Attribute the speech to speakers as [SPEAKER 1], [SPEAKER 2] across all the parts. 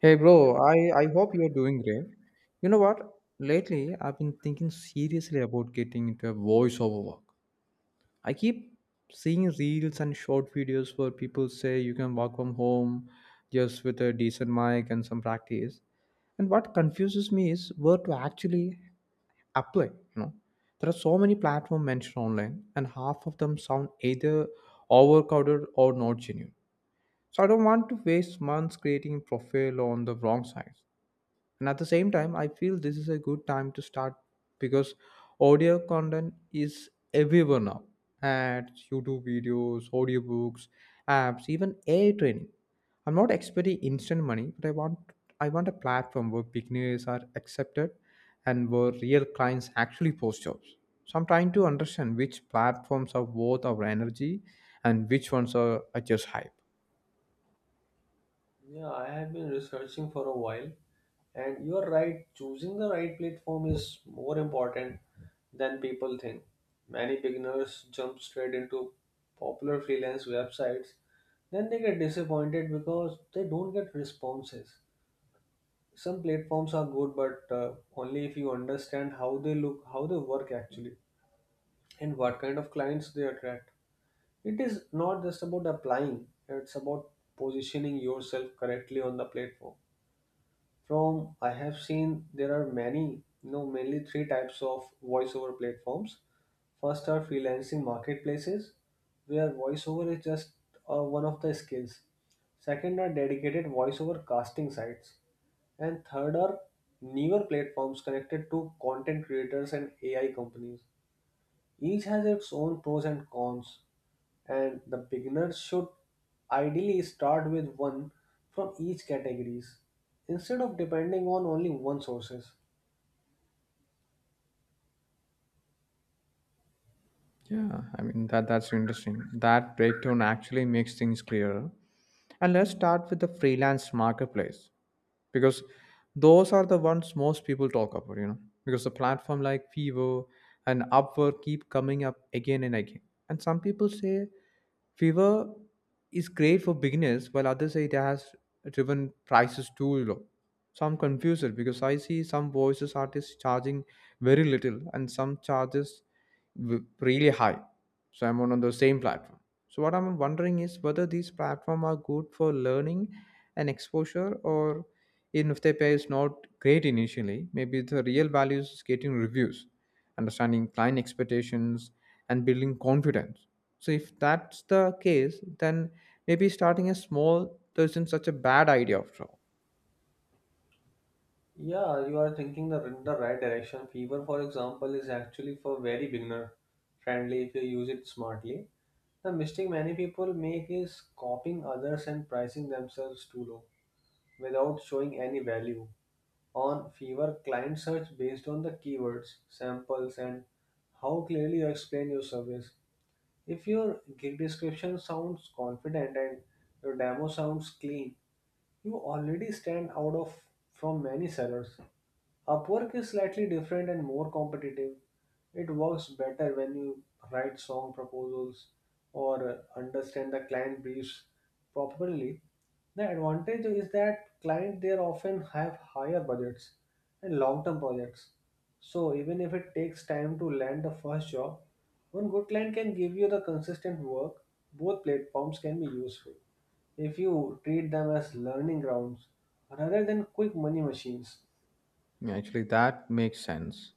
[SPEAKER 1] Hey bro, I hope you're doing great. You know what? Lately, I've been thinking seriously about getting into a voiceover work. I keep seeing reels and short videos where people say you can work from home just with a decent mic and some practice. And what confuses me is where to actually apply. There are so many platforms mentioned online, and half of them sound either overcrowded or not genuine. So I don't want to waste months creating profile on the wrong side. And at the same time, I feel this is a good time to start because audio content is everywhere now. Ads, YouTube videos, audiobooks, apps, even AI training. I'm not expecting instant money, but I want a platform where beginners are accepted and where real clients actually post jobs. So I'm trying to understand which platforms are worth our energy and which ones are just hype.
[SPEAKER 2] Yeah, I have been researching for a while, and you are right, choosing the right platform is more important than people think. Many beginners jump straight into popular freelance websites, then they get disappointed because they don't get responses. Some platforms are good, but only if you understand how they look, how they work actually, and what kind of clients they attract. It is not just about applying, it's about positioning yourself correctly on the platform. From I have seen there are many, mainly three types of voiceover platforms. First are freelancing marketplaces, where voiceover is just one of the skills. Second are dedicated voiceover casting sites, and third are newer platforms connected to content creators and AI companies. Each has its own pros and cons, and the beginner should ideally start with one from each categories instead of depending on only one sources.
[SPEAKER 1] Yeah, I mean that's interesting. That breakdown actually makes things clearer. And let's start with the freelance marketplace because those are the ones most people talk about, you know, because the platform like Fiverr and Upwork keep coming up again and again. And some people say Fiverr is great for beginners, while others say it has driven prices too low. So I'm confused because I see some voices artists charging very little and some charges really high. So I'm on the same platform. So what I'm wondering is whether these platforms are good for learning and exposure, or even if the pay is not great initially, maybe the real value is getting reviews, understanding client expectations, and building confidence. So if that's the case, then maybe starting a small isn't such a bad idea after all.
[SPEAKER 2] Yeah, you are thinking in the right direction. Fever, for example, is actually for very beginner friendly if you use it smartly. The mistake many people make is copying others and pricing themselves too low without showing any value. On fewer client search based on the keywords, samples, and how clearly you explain your service. If your gig description sounds confident and your demo sounds clean, you already stand out of from many sellers. Upwork is slightly different and more competitive. It works better when you write song proposals or understand the client briefs properly. The advantage is that clients there often have higher budgets and long-term projects. So even if it takes time to land the first job, one good client can give you the consistent work. Both platforms can be useful if you treat them as learning grounds rather than quick money machines.
[SPEAKER 1] Yeah, actually, that makes sense,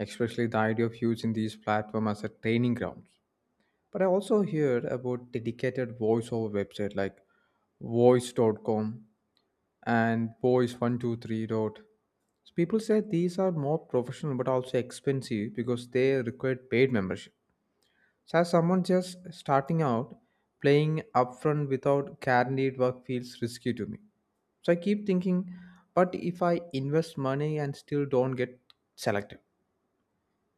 [SPEAKER 1] especially the idea of using these platforms as a training ground. But I also heard about dedicated voice over website like Voice.com and voice123 dot. So people say these are more professional but also expensive because they require paid membership. So as someone just starting out, playing upfront without guaranteed work feels risky to me. So I keep thinking, but if I invest money and still don't get selected,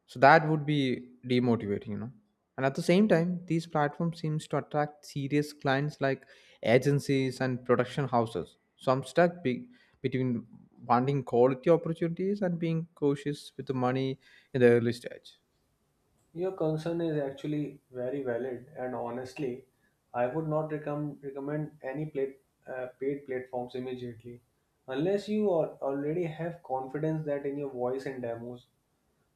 [SPEAKER 1] so that would be demotivating. And at the same time these platforms seems to attract serious clients like agencies and production houses, so I'm stuck between wanting quality opportunities and being cautious with the money in the early stage.
[SPEAKER 2] Your concern is actually very valid, and honestly, I would not recommend any paid platforms immediately unless you already have confidence that in your voice and demos.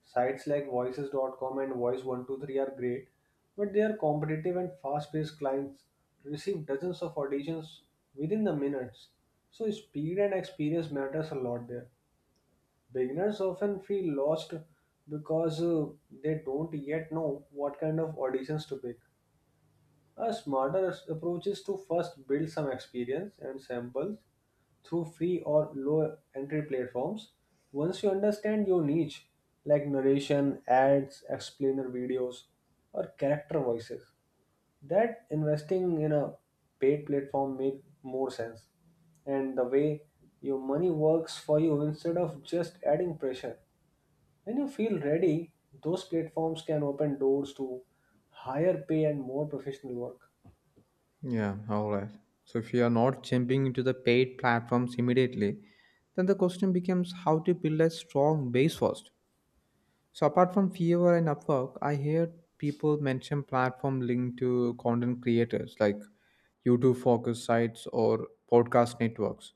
[SPEAKER 2] Sites like Voices.com and Voice123 are great, but they are competitive and fast paced clients receive dozens of auditions within the minutes. So, speed and experience matters a lot there. Beginners often feel lost because they don't yet know what kind of auditions to pick. A smarter s- approach is to first build some experience and samples through free or low entry platforms. Once you understand your niche, like narration, ads, explainer videos, or character voices, that investing in a paid platform made more sense. And the way your money works for you instead of just adding pressure. When you feel ready, those platforms can open doors to higher pay and more professional work.
[SPEAKER 1] Yeah, all right. So if you are not jumping into the paid platforms immediately, then the question becomes how to build a strong base first. So apart from Fiverr and Upwork, I hear people mention platform linked to content creators like YouTube focus sites or podcast networks.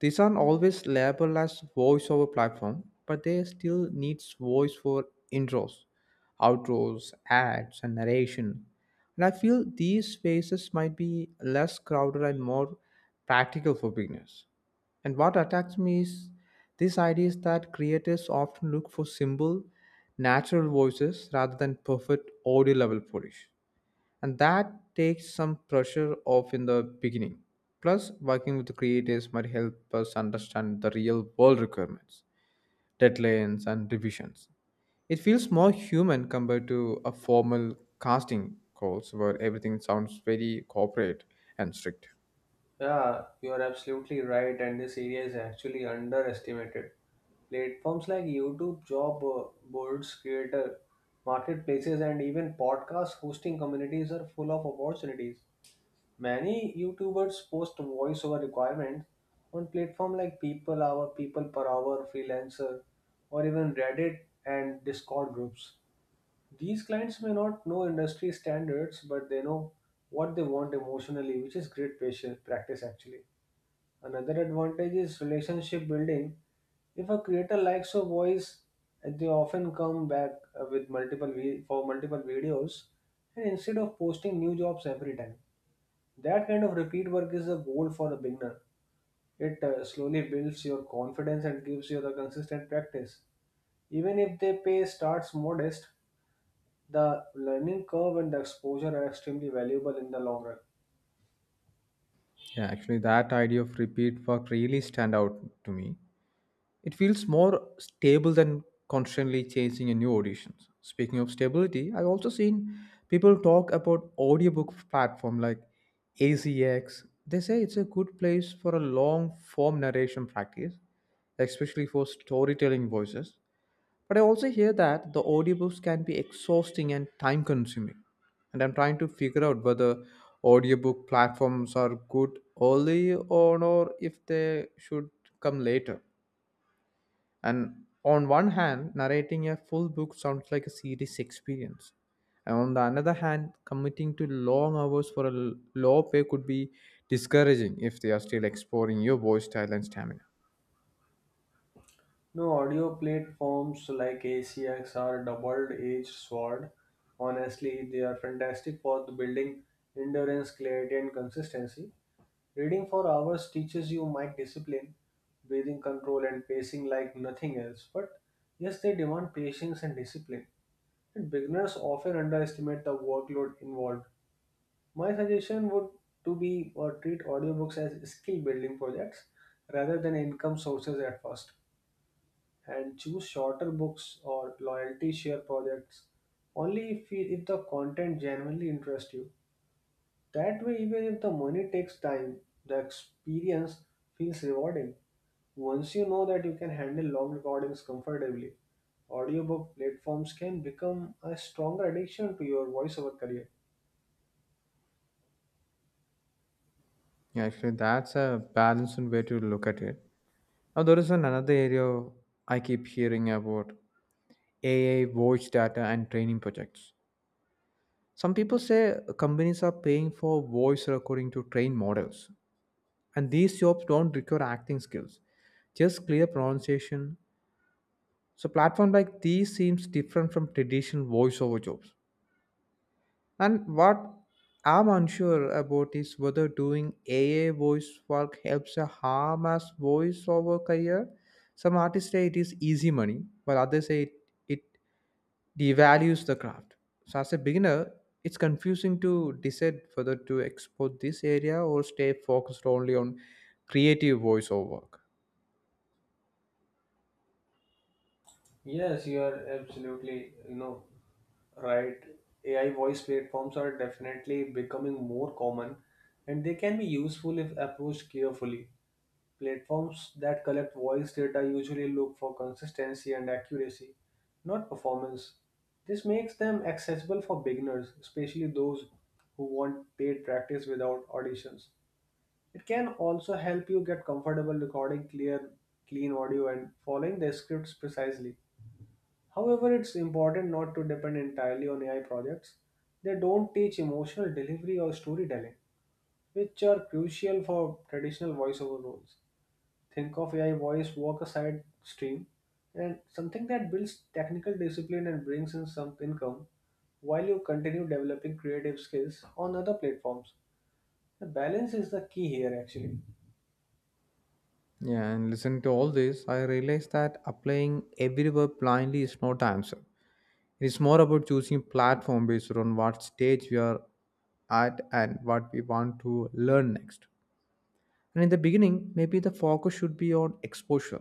[SPEAKER 1] These aren't always labeled as voiceover platform, but they still needs voice for intros, outros, ads, and narration. And I feel these spaces might be less crowded and more practical for beginners. And what attracts me is this idea is that creators often look for simple, natural voices rather than perfect audio level polish and that takes some pressure off in the beginning. Plus, working with the creators might help us understand the real world requirements, deadlines, and revisions. It feels more human compared to a formal casting calls where everything sounds very corporate and strict.
[SPEAKER 2] Yeah, you are absolutely right, and this area is actually underestimated. Platforms like YouTube, job boards, creator marketplaces, and even podcast hosting communities are full of opportunities. Many YouTubers post voiceover requirements on platform like People Hour, People Per Hour, Freelancer, or even Reddit and Discord groups. These clients may not know industry standards, but they know what they want emotionally, which is great patient practice actually. Another advantage is relationship building. If a creator likes a voice, and they often come back with for multiple videos, and instead of posting new jobs every time, that kind of repeat work is a goal for a beginner. It slowly builds your confidence and gives you the consistent practice. Even if the pay starts modest, the learning curve and the exposure are extremely valuable in the long run.
[SPEAKER 1] Yeah, actually, that idea of repeat work really stand out to me. It feels more stable than constantly chasing a new auditions. Speaking of stability, I've also seen people talk about audiobook platform like AZX. They say it's a good place for a long form narration practice, especially for storytelling voices. But I also hear that the audiobooks can be exhausting and time consuming. And I'm trying to figure out whether audiobook platforms are good early on or if they should come later. And on one hand, narrating a full book sounds like a serious experience. And on the another hand, committing to long hours for a low pay could be discouraging if they are still exploring your voice style and stamina.
[SPEAKER 2] No audio platforms like ACX or double-edged sword. Honestly, they are fantastic for the building endurance, clarity, and consistency. Reading for hours teaches you mic discipline, breathing control, and pacing like nothing else. But yes, they demand patience and discipline. And beginners often underestimate the workload involved. My suggestion would to be or treat audiobooks as skill building projects rather than income sources at first and choose shorter books or loyalty share projects only if the content genuinely interests you. That way even if the money takes time, the experience feels rewarding. Once you know that you can handle long recordings comfortably, audiobook platforms can become a stronger addiction to your voiceover career.
[SPEAKER 1] Yeah, actually, that's a balanced way to look at it. Now, there is an another area I keep hearing about: AI voice data and training projects. Some people say companies are paying for voice recording to train models, and these jobs don't require acting skills, just clear pronunciation. So platform like these seems different from traditional voiceover jobs, and what I'm unsure about is whether doing AI voice work helps a harm as voiceover career. Some artists say it is easy money, while others say it devalues the craft. So as a beginner, it's confusing to decide whether to export this area or stay focused only on creative voiceover work.
[SPEAKER 2] Yes, you are absolutely, right. AI voice platforms are definitely becoming more common and they can be useful if approached carefully. Platforms that collect voice data usually look for consistency and accuracy, not performance. This makes them accessible for beginners, especially those who want paid practice without auditions. It can also help you get comfortable recording clear, clean audio and following the scripts precisely. However, it's important not to depend entirely on AI projects. They don't teach emotional delivery or storytelling, which are crucial for traditional voiceover roles. Think of AI voice work a side stream and something that builds technical discipline and brings in some income while you continue developing creative skills on other platforms. The balance is the key here, actually.
[SPEAKER 1] Yeah, and listen to all this, I realized that applying every verb blindly is not the answer. It's more about choosing platform based on what stage we are at and what we want to learn next. And in the beginning, maybe the focus should be on exposure,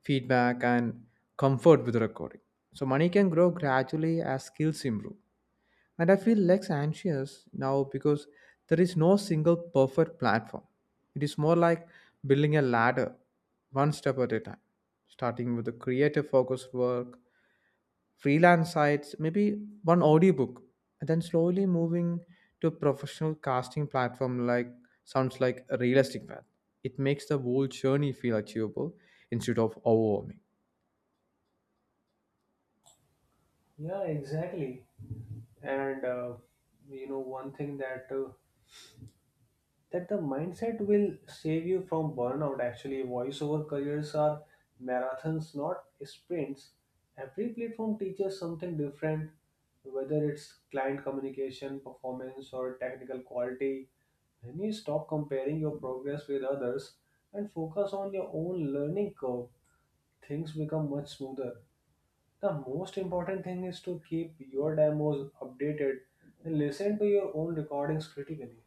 [SPEAKER 1] feedback, and comfort with recording. So money can grow gradually as skills improve. And I feel less anxious now because there is no single perfect platform. It is more like building a ladder, one step at a time, starting with the creative focused work, freelance sites, maybe one audiobook, and then slowly moving to a professional casting platform like sounds like a realistic path. It makes the whole journey feel achievable instead of overwhelming.
[SPEAKER 2] Yeah, exactly. And one thing that the mindset will save you from burnout actually voiceover careers are marathons not sprints. Every platform teaches something different, whether it's client communication, performance, or technical quality. When you stop comparing your progress with others and focus on your own learning curve, things become much smoother. The most important thing is to keep your demos updated and listen to your own recordings critically.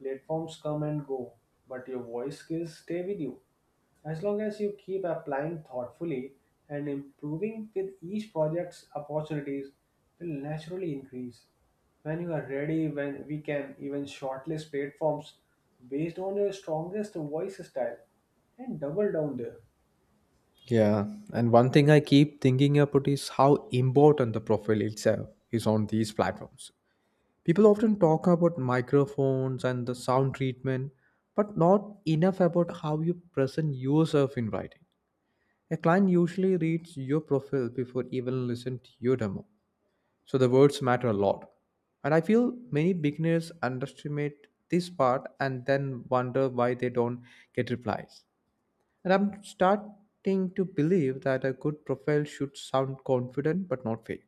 [SPEAKER 2] Platforms come and go, but your voice skills stay with you. As long as you keep applying thoughtfully and improving with each project's, opportunities will naturally increase. When you are ready, when we can even shortlist platforms based on your strongest voice style and double down there.
[SPEAKER 1] Yeah, and one thing I keep thinking about is how important the profile itself is on these platforms. People often talk about microphones and the sound treatment, but not enough about how you present yourself in writing. A client usually reads your profile before even listening to your demo, so the words matter a lot. And I feel many beginners underestimate this part and then wonder why they don't get replies. And I'm starting to believe that a good profile should sound confident but not fake,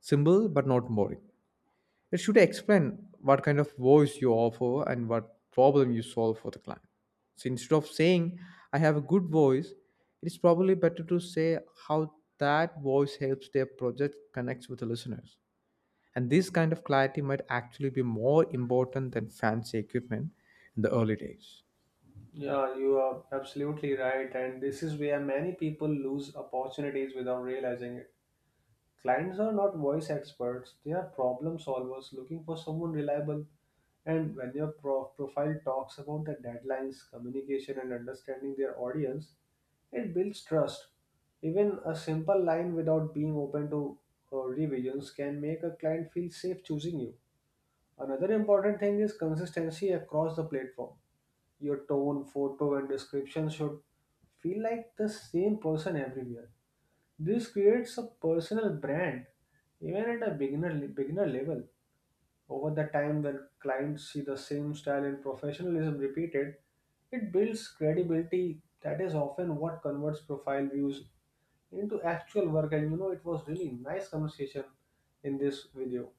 [SPEAKER 1] simple but not boring. It should explain what kind of voice you offer and what problem you solve for the client. So instead of saying, I have a good voice, it is probably better to say how that voice helps their project connects with the listeners. And this kind of clarity might actually be more important than fancy equipment in the early days.
[SPEAKER 2] Yeah, you are absolutely right, and this is where many people lose opportunities without realizing it. Clients are not voice experts, they are problem solvers looking for someone reliable. And when your profile talks about the deadlines, communication, and understanding their audience, it builds trust. Even a simple line without being open to revisions can make a client feel safe choosing you. Another important thing is consistency across the platform. Your tone, photo, and description should feel like the same person everywhere. This creates a personal brand, even at a beginner level. Over the time, when clients see the same style and professionalism repeated, it builds credibility. That is often what converts profile views into actual work. And you know, it was really nice conversation in this video.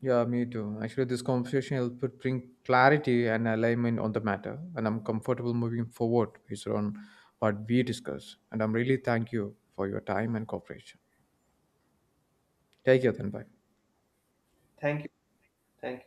[SPEAKER 1] Yeah, me too. Actually, this conversation helped to bring clarity and alignment on the matter, and I'm comfortable moving forward based on what we discussed. And I'm really thank you for your time and cooperation. Take care then. Bye.
[SPEAKER 2] Thank you. Thank you.